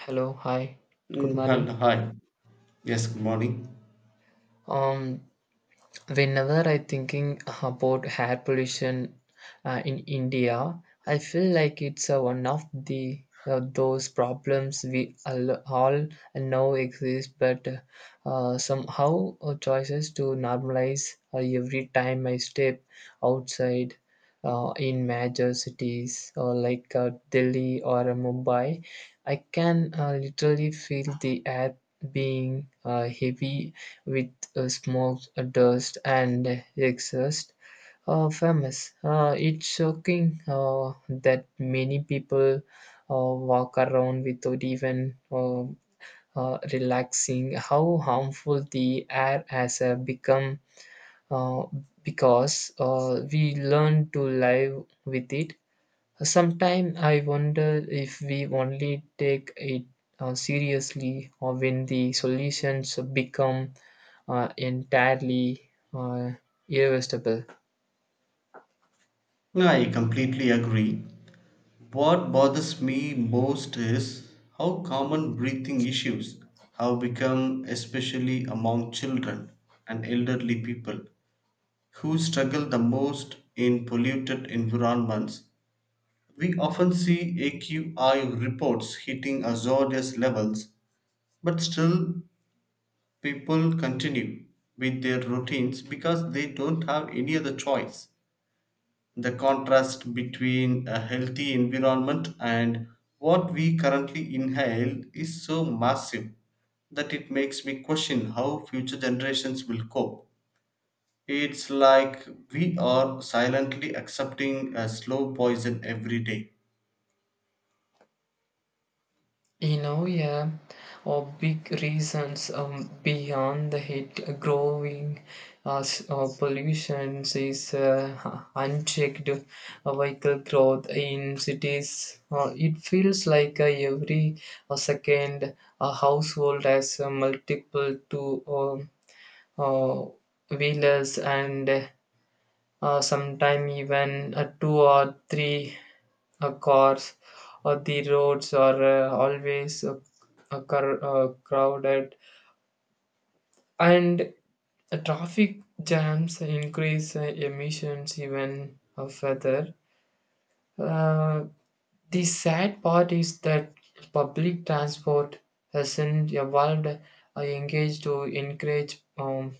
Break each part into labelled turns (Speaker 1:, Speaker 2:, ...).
Speaker 1: Hello, hi, good morning.
Speaker 2: Hi. Yes, good morning.
Speaker 1: Um, Whenever I thinking about air pollution in India, I feel like it's one of the those problems we all know exist, but somehow choices to normalize every time I step outside in major cities like Delhi or Mumbai. I can literally feel the air being heavy with smoke, dust, and exhaust are famous. It's shocking that many people walk around without even relaxing. How harmful the air has become uh, because we learn to live with it. Sometimes I wonder if we only take it seriously or when the solutions become entirely irresistible.
Speaker 2: I completely agree. What bothers me most is how common breathing issues have become, especially among children and elderly people who struggle the most in polluted environments. We often see AQI reports hitting hazardous levels, but still people continue with their routines because they don't have any other choice. The contrast between a healthy environment and what we currently inhale is so massive that it makes me question how future generations will cope. It's like we are silently accepting a slow poison every day.
Speaker 1: You know, yeah, or big reasons beyond the heat growing pollution is unchecked vehicle growth in cities. It feels like every second a household has multiple two uh, wheelers and sometimes even two or three cars. Uh, the roads are always crowded and traffic jams increase emissions even further. uh, the sad part is that public transport hasn't evolved engaged to encourage um,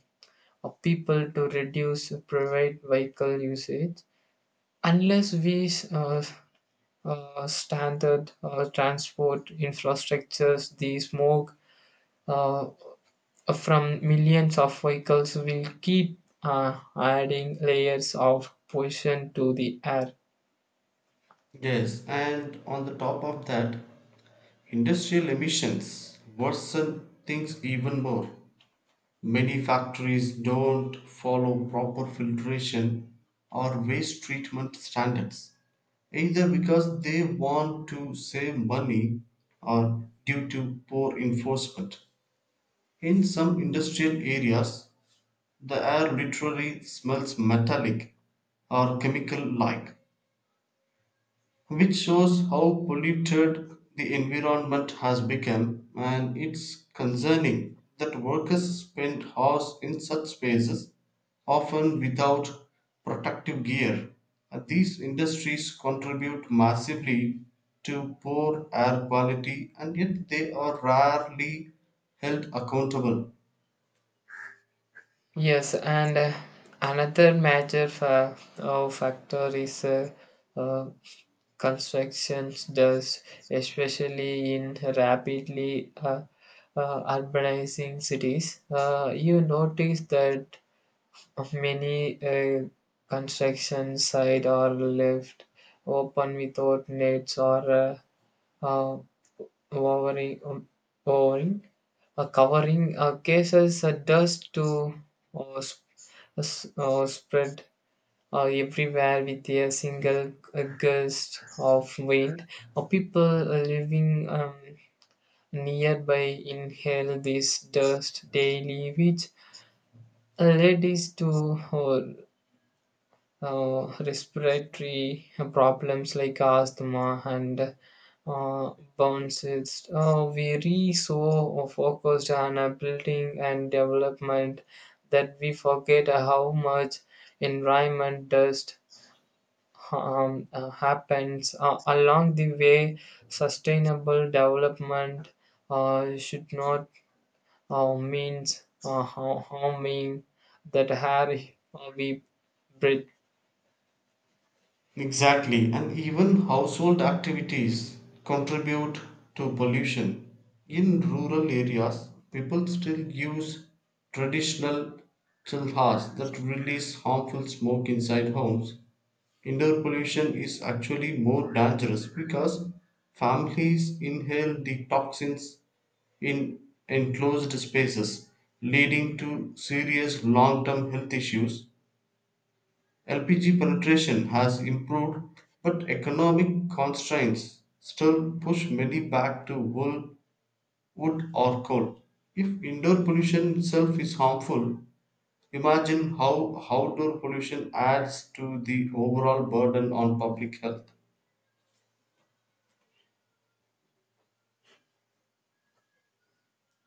Speaker 1: uh, people to reduce private vehicle usage unless we standard transport infrastructures, the smoke uh, from millions of vehicles will keep adding layers of pollution to the air.
Speaker 2: Yes, and on the top of that, industrial emissions worsen things even more. Many factories don't follow proper filtration or waste treatment standards, either because they want to save money or due to poor enforcement. In some industrial areas, the air literally smells metallic or chemical like, which shows how polluted the environment has become, and it's concerning that workers spend hours in such spaces often without protective gear. And these industries contribute massively to poor air quality, and yet they are rarely held accountable.
Speaker 1: Yes, and another major factor is uh, construction does, especially in rapidly urbanizing cities. You notice that of many a construction sites are left open without nets or uh, overing, overing covering cases dust to uh, sp- spread everywhere with a single gust of wind. People living nearby inhale this dust daily, which leads to respiratory problems like asthma and bounces. We are so focused on our building and development that we forget how much environment dust happens along the way. Sustainable development should not means harming that air we breathe.
Speaker 2: Exactly, and even household activities contribute to pollution. In rural areas, people still use traditional chilhas that release harmful smoke inside homes. Indoor pollution is actually more dangerous because families inhale the toxins in enclosed spaces, leading to serious long term health issues. LPG penetration has improved, but economic constraints still push many back to wool, wood, or coal. If indoor pollution itself is harmful, imagine how outdoor pollution adds to the overall burden on public health.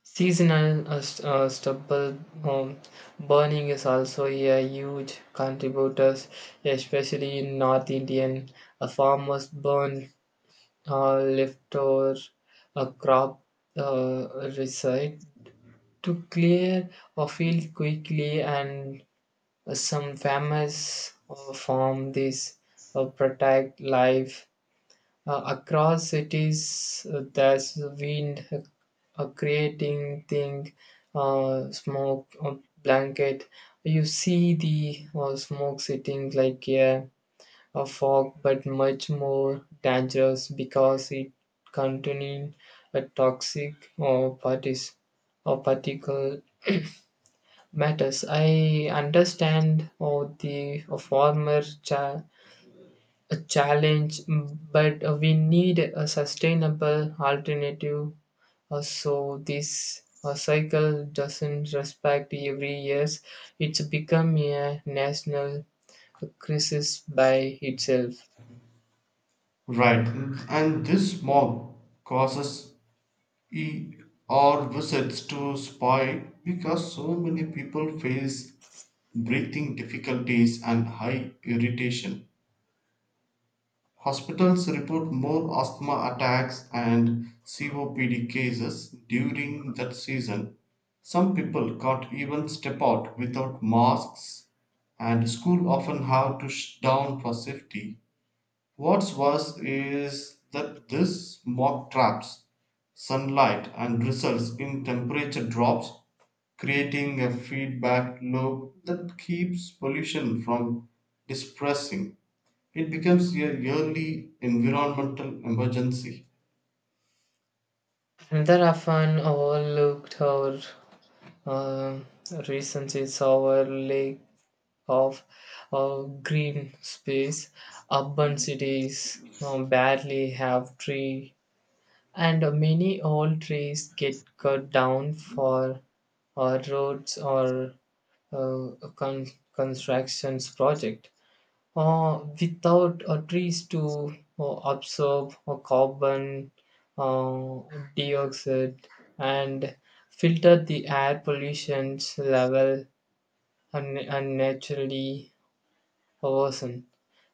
Speaker 1: Seasonal stubble um, burning is also a huge contributor, especially in North Indian. Farmers burn leftover crop uh, residue to clear a field quickly, and some farmers farm this protect life across cities, there's wind, a creating thing, smoke, a blanket. You see the smoke sitting like a fog, but much more dangerous because it contains a toxic or parties or particle matters. I understand or the a a challenge, mm, but we need a sustainable alternative so this cycle doesn't respect every year. It's become a national crisis by itself.
Speaker 2: Right, and this smog causes ER visits to spike because so many people face breathing difficulties and high irritation. Hospitals report more asthma attacks and COPD cases during that season. Some people can't even step out without masks, and schools often have to shut down for safety. What's worse is that this smog traps sunlight and results in temperature drops, creating a feedback loop that keeps pollution from dispersing. It becomes a yearly environmental emergency.
Speaker 1: Another often overlooked or uh, reasons is our lack of uh, green space. Urban cities barely have tree. And many old trees get cut down for our roads or uh, con- constructions project. Without trees to absorb carbon uh, dioxide and filter the air pollution's level unnaturally worsen.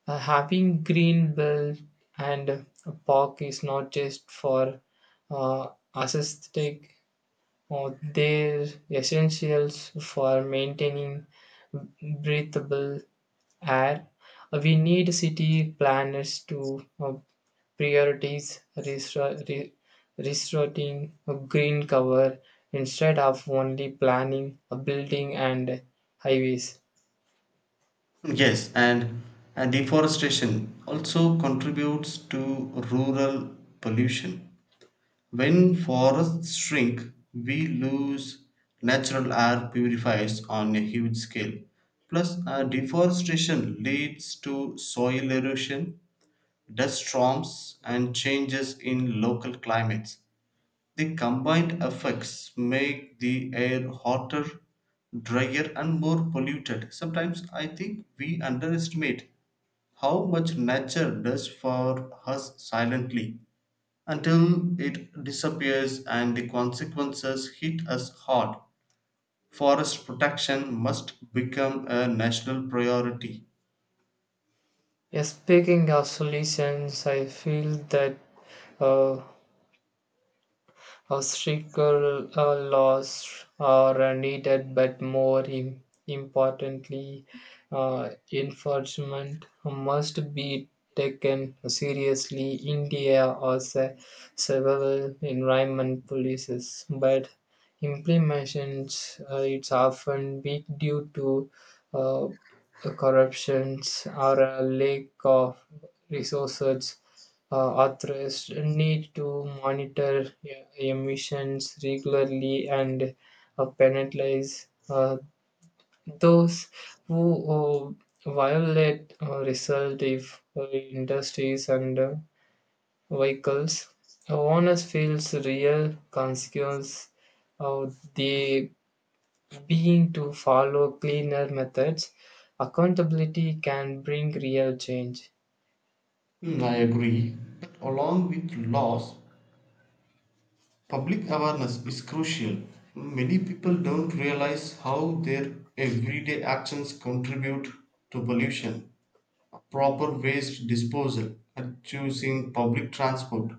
Speaker 1: Having green belt and a park is not just for uh, aesthetic. Or they're essentials for maintaining breathable air. We need city planners to prioritize restoring a green cover instead of only planning a building and highways.
Speaker 2: Yes, and deforestation also contributes to rural pollution. When forests shrink, we lose natural air purifiers on a huge scale. Plus, deforestation leads to soil erosion, dust storms, and changes in local climates. The combined effects make the air hotter, drier, and more polluted. Sometimes I think we underestimate how much nature does for us silently until it disappears and the consequences hit us hard. Forest protection must become a national priority.
Speaker 1: Yeah, speaking of solutions, I feel that uh, obstacle laws are needed, but more importantly, enforcement must be taken seriously. India has a several environment policies, but implementations it's often weak due to uh, corruptions or a lack of resources. Authors need to monitor emissions regularly and penalize those who violate result if industries and vehicles. Owners feels real consequence of the being to follow cleaner methods. Accountability can bring real change.
Speaker 2: Hmm, I agree. But along with laws, public awareness is crucial. Many people don't realize how their everyday actions contribute to pollution. Proper waste disposal, choosing public transport,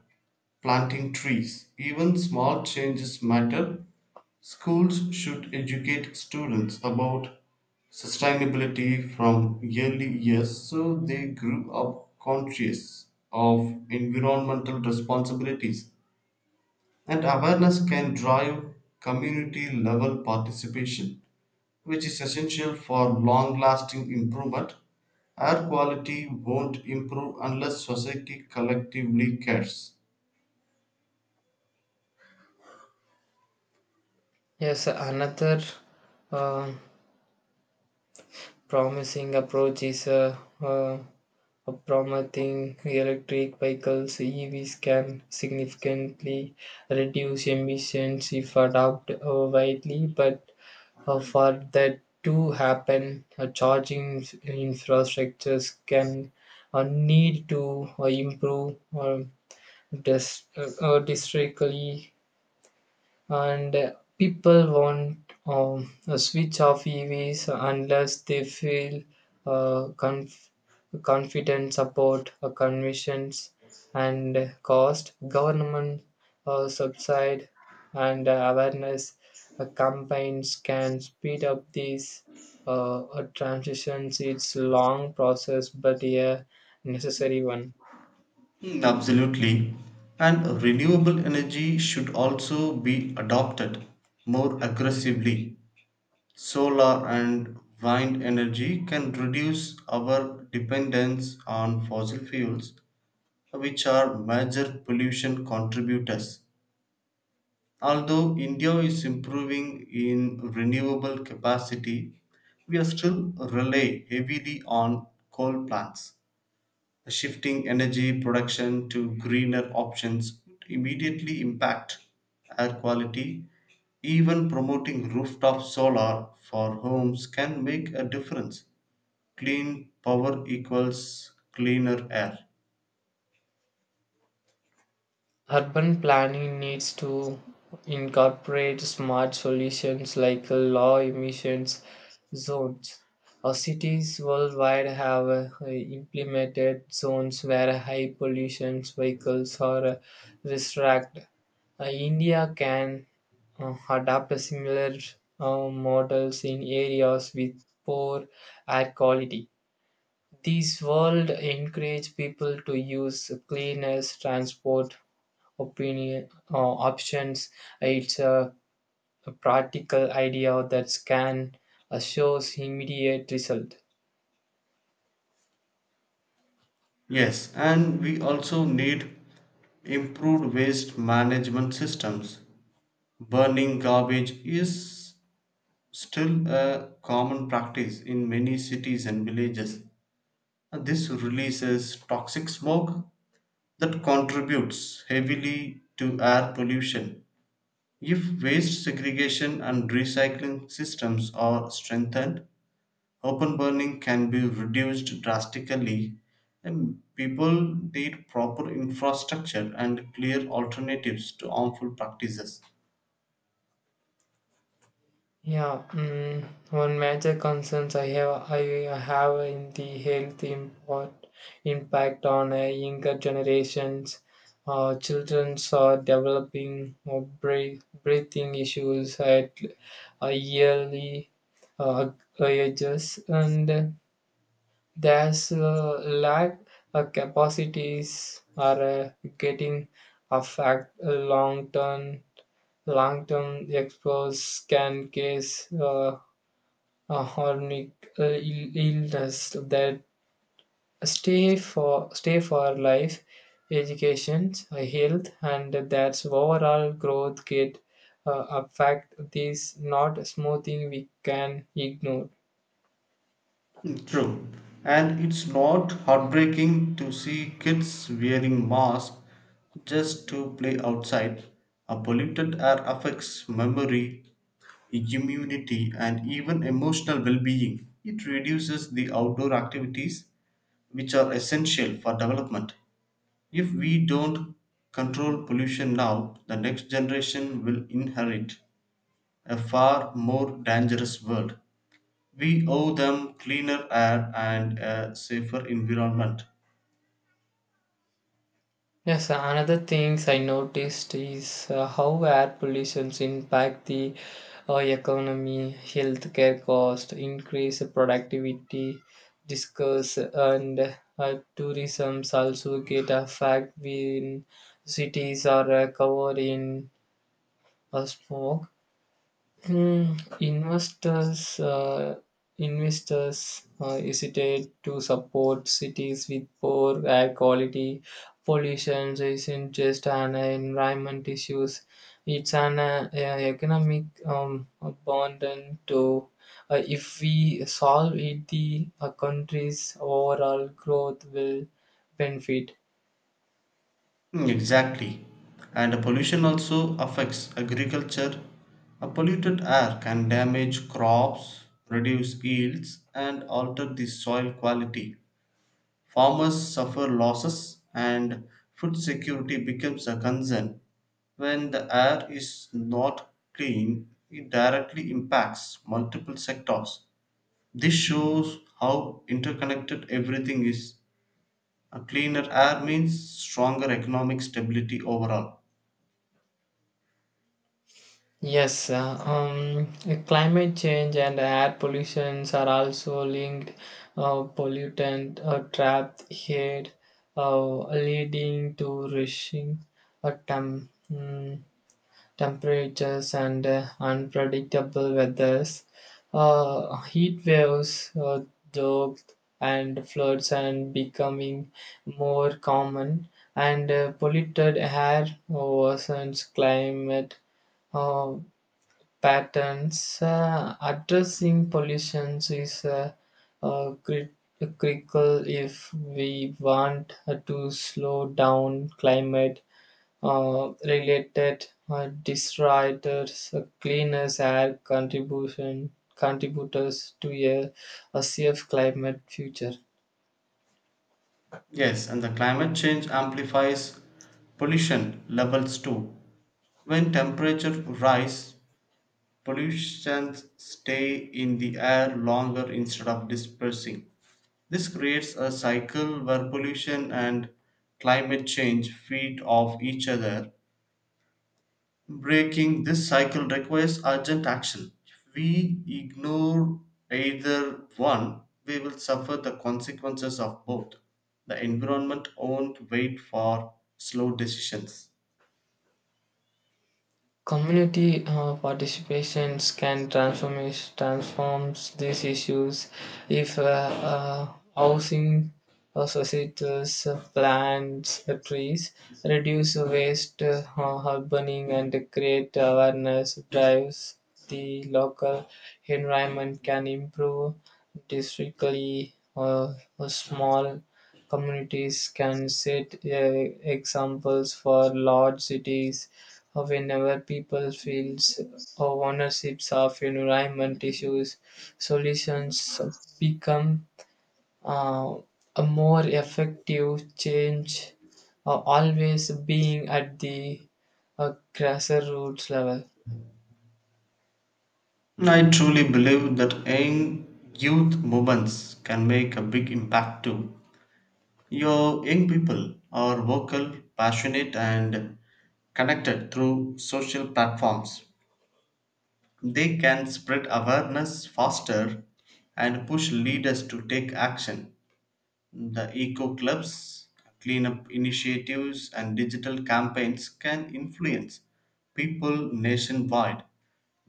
Speaker 2: planting trees, even small changes matter. Schools should educate students about sustainability from early years so they grew up conscious of environmental responsibilities, and awareness can drive community level participation, which is essential for long lasting improvement. Air quality won't improve unless society collectively cares.
Speaker 1: Yes, another uh, promising approach is uh, promoting electric vehicles. EVs can significantly reduce emissions if adopted widely, but for that to happen, charging infrastructures can need to improve districtly and people want a switch off EVs unless they feel uh, conf- confident about conditions and cost. Government subside and awareness campaigns can speed up these transitions. It's long process, but a necessary one.
Speaker 2: Mm, absolutely. And renewable energy should also be adopted more aggressively. Solar and wind energy can reduce our dependence on fossil fuels, which are major pollution contributors. Although India is improving in renewable capacity, we are still rely heavily on coal plants. Shifting energy production to greener options would immediately impact air quality. Even promoting rooftop solar for homes can make a difference. Clean power equals cleaner air.
Speaker 1: Urban planning needs to incorporate smart solutions like low emissions zones. Our cities worldwide have implemented zones where high pollution vehicles are restricted. India can adopt a similar models in areas with poor air quality. These world encourage people to use cleaner transport opinion options. It's a practical idea that can shows immediate result.
Speaker 2: Yes, and we also need improved waste management systems. Burning garbage is still a common practice in many cities and villages. This releases toxic smoke that contributes heavily to air pollution. If waste segregation and recycling systems are strengthened, open burning can be reduced drastically. And people need proper infrastructure and clear alternatives to harmful practices.
Speaker 1: Yeah, mm, one major concerns I have in the impact on younger generations. Children are developing breathing issues at early uh, ages, and there's a lack of capacities are getting affect long term exposure can cause a chronic illness that stay for life education health and that's overall growth get affect. This not smoothing we can ignore.
Speaker 2: Mm, true. And it's not heartbreaking to see kids wearing masks just to play outside. A polluted air affects memory, immunity, and even emotional well being. It reduces the outdoor activities, which are essential for development. If we don't control pollution now, the next generation will inherit a far more dangerous world. We owe them cleaner air and a safer environment.
Speaker 1: Yes, another things I noticed is how air pollutions impact the economy, healthcare cost, increase productivity, discuss and tourism also get affected when cities are covered in smoke. Hmm, investors hesitate to support cities with poor air quality. Pollution isn't just an environment issues; it's an economic burden too. If we solve it, the country's overall growth will benefit.
Speaker 2: Mm, exactly. And pollution also affects agriculture. A polluted air can damage crops, reduce yields, and alter the soil quality. Farmers suffer losses, and food security becomes a concern. When the air is not clean, it directly impacts multiple sectors. This shows how interconnected everything is. A cleaner air means stronger economic stability overall.
Speaker 1: Yes, climate change and air pollutions are also linked. Pollutant trapped here, leading to rushing uh, tem- mm, temperatures and unpredictable weathers. Heat waves, drought and floods, and becoming more common. And polluted air worsens climate. Uh, Patterns. Addressing pollution is uh, crit- critical if we want to slow down climate related disruptors, cleaners air contribution contributors to a safe climate future.
Speaker 2: Yes, and the climate change amplifies pollution levels too. When temperature rise, pollutions stay in the air longer instead of dispersing. This creates a cycle where pollution and climate change feed off each other. Breaking this cycle requires urgent action. If we ignore either one, we will suffer the consequences of both. The environment won't wait for slow decisions.
Speaker 1: Community participations can transforms these issues if uh, housing societies plants trees, reduce waste, burning, and create awareness drives. The local environment can improve districtly or small communities can set examples for large cities. Whenever people feel ownerships of environment issues, solutions become uh, a more effective change, always being at the grassroots level.
Speaker 2: I truly believe that young youth movements can make a big impact too. Your young people are vocal, passionate, and connected through social platforms. They can spread awareness faster and push leaders to take action. The eco clubs, cleanup initiatives, and digital campaigns can influence people nationwide.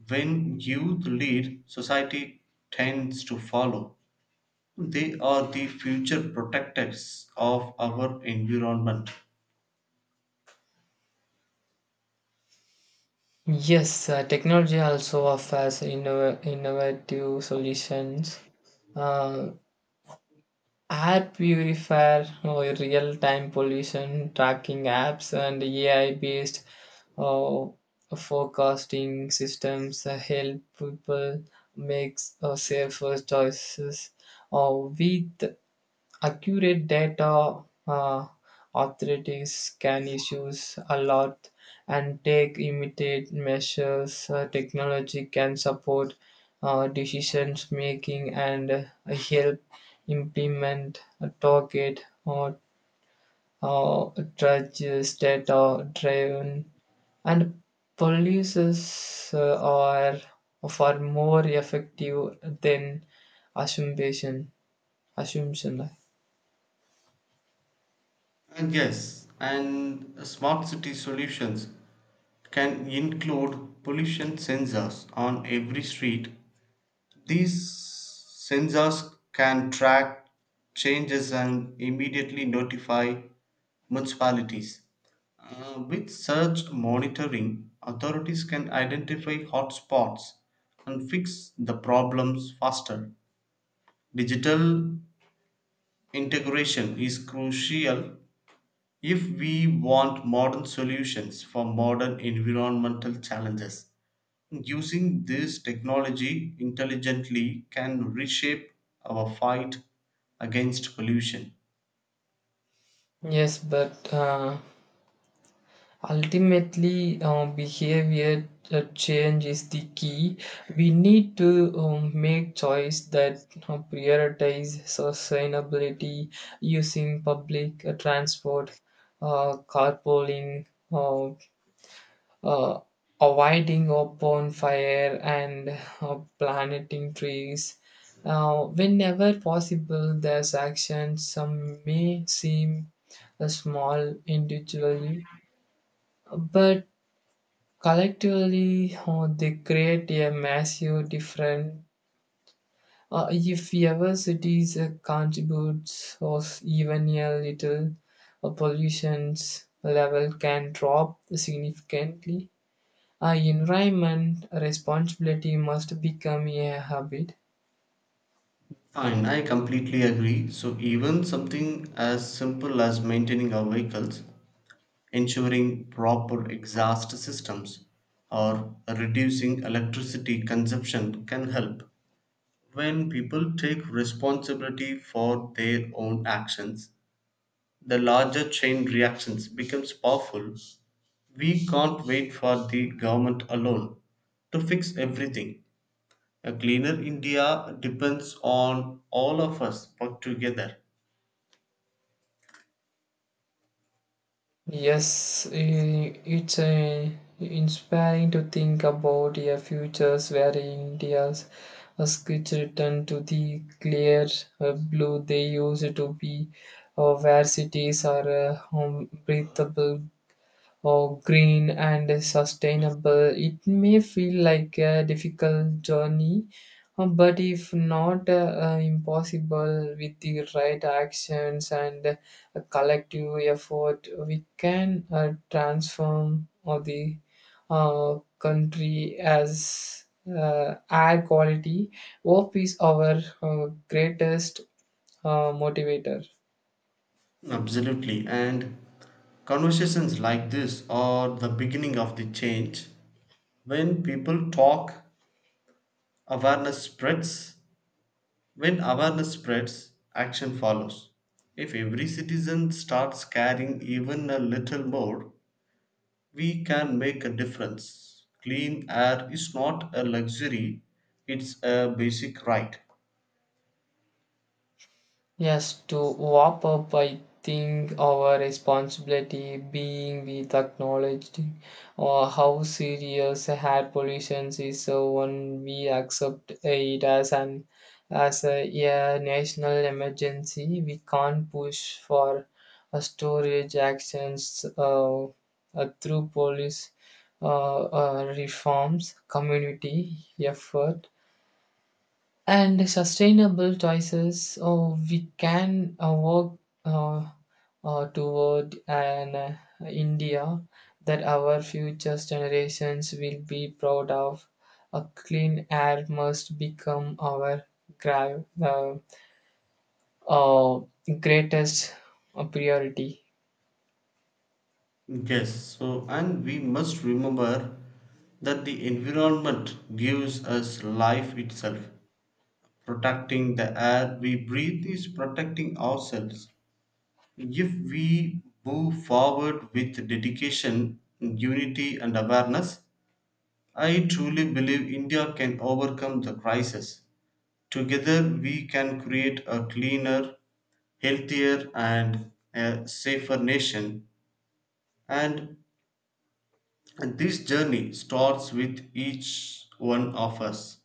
Speaker 2: When youth lead, society tends to follow. They are the future protectors of our environment.
Speaker 1: Yes, technology also offers innovative solutions. Uh, Air purifier, real time pollution tracking apps, and AI based uh, forecasting systems help people make safer choices with accurate data. uh, Authorities can issues a lot and take immediate measures. Technology can support decisions making and help implement a target or uh, judges data driven and policies are far more effective than assumption assumption.
Speaker 2: And yes, and smart city solutions can include pollution sensors on every street. These sensors can track changes and immediately notify municipalities. With surge monitoring, authorities can identify hotspots and fix the problems faster. Digital integration is crucial if we want modern solutions for modern environmental challenges, using this technology intelligently can reshape our fight against pollution.
Speaker 1: Yes, but ultimately, behavior change is the key. We need to make choice that prioritize sustainability using public transport, carpooling, uh, uh, avoiding a bonfire and planting trees. Whenever possible, these actions some may seem small individually, but collectively they create a massive difference. If ever cities contributes or even a little, pollution's level can drop significantly. Our environment responsibility must become a habit.
Speaker 2: Fine, I completely agree. So, even something as simple as maintaining our vehicles, ensuring proper exhaust systems, or reducing electricity consumption can help. When people take responsibility for their own actions, the larger chain reactions becomes powerful. We can't wait for the government alone to fix everything. A cleaner India depends on all of us work together.
Speaker 1: Yes, it's inspiring to think about a futures where India's skits return to the clear blue they used to be, or where cities are home breathable or green and sustainable. It may feel like a difficult journey, but if not impossible with the right actions and a collective effort, we can transform of the country as air quality. Hope is our greatest motivator.
Speaker 2: Absolutely. And conversations like this are the beginning of the change. When people talk, awareness spreads. When awareness spreads, action follows. If every citizen starts caring even a little more, we can make a difference. Clean air is not a luxury, it's a basic right.
Speaker 1: Yes, to wrap up, I think our responsibility being with acknowledging or how serious air pollution is. So when we accept it as an as a yeah, national emergency, we can't push for a storage actions through police reforms, community effort and sustainable choices oh, we can work uh, toward an india that our future generations will be proud of a clean air must become our gra- uh, uh, greatest priority.
Speaker 2: Yes, so and we must remember that the environment gives us life itself. Protecting the air we breathe is protecting ourselves. If we move forward with dedication, unity, and awareness, I truly believe India can overcome the crisis. Together, we can create a cleaner, healthier, and a safer nation. And this journey starts with each one of us.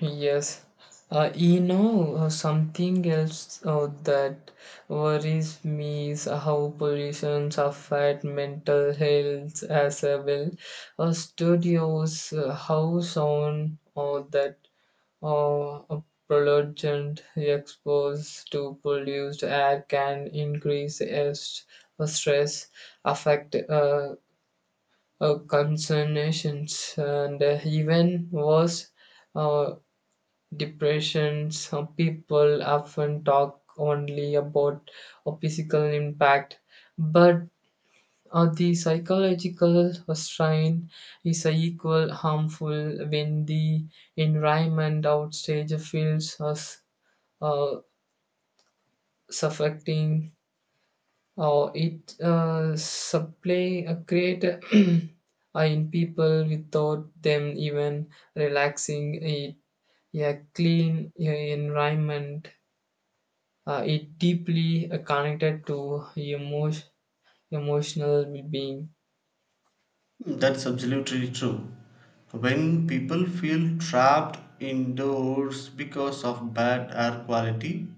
Speaker 1: Yes, you know something else that worries me is how pollution affect mental health as a well. Studios, how sound or that a pollutant exposed to polluted air can increase stress, affect concernations, and even worse. uh, Depression, some people often talk only about a physical impact, but the psychological strain is equal harmful when the environment outstage feels us uh, suffocating or it supply create in people without them even relaxing it a clean environment. It deeply connected to emotion, emotional being.
Speaker 2: That's absolutely true. When people feel trapped indoors because of bad air quality,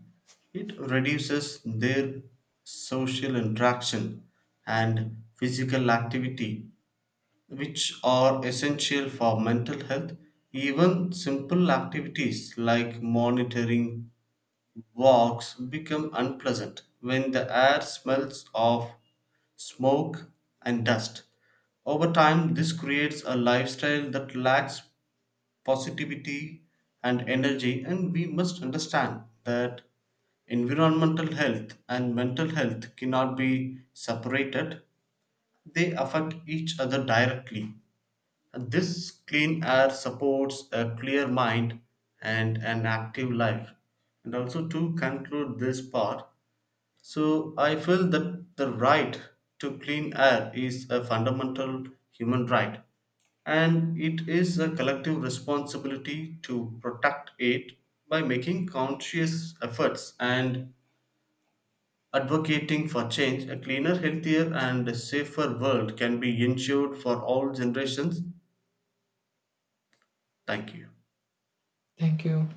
Speaker 2: it reduces their social interaction and physical activity, which are essential for mental health. Even simple activities like monitoring walks become unpleasant when the air smells of smoke and dust. Over time, this creates a lifestyle that lacks positivity and energy, and we must understand that environmental health and mental health cannot be separated, they affect each other directly. This clean air supports a clear mind and an active life. And also to conclude this part, so I feel that the right to clean air is a fundamental human right and it is a collective responsibility to protect it by making conscious efforts and advocating for change. A cleaner, healthier, and safer world can be ensured for all generations. Thank you.
Speaker 1: Thank you.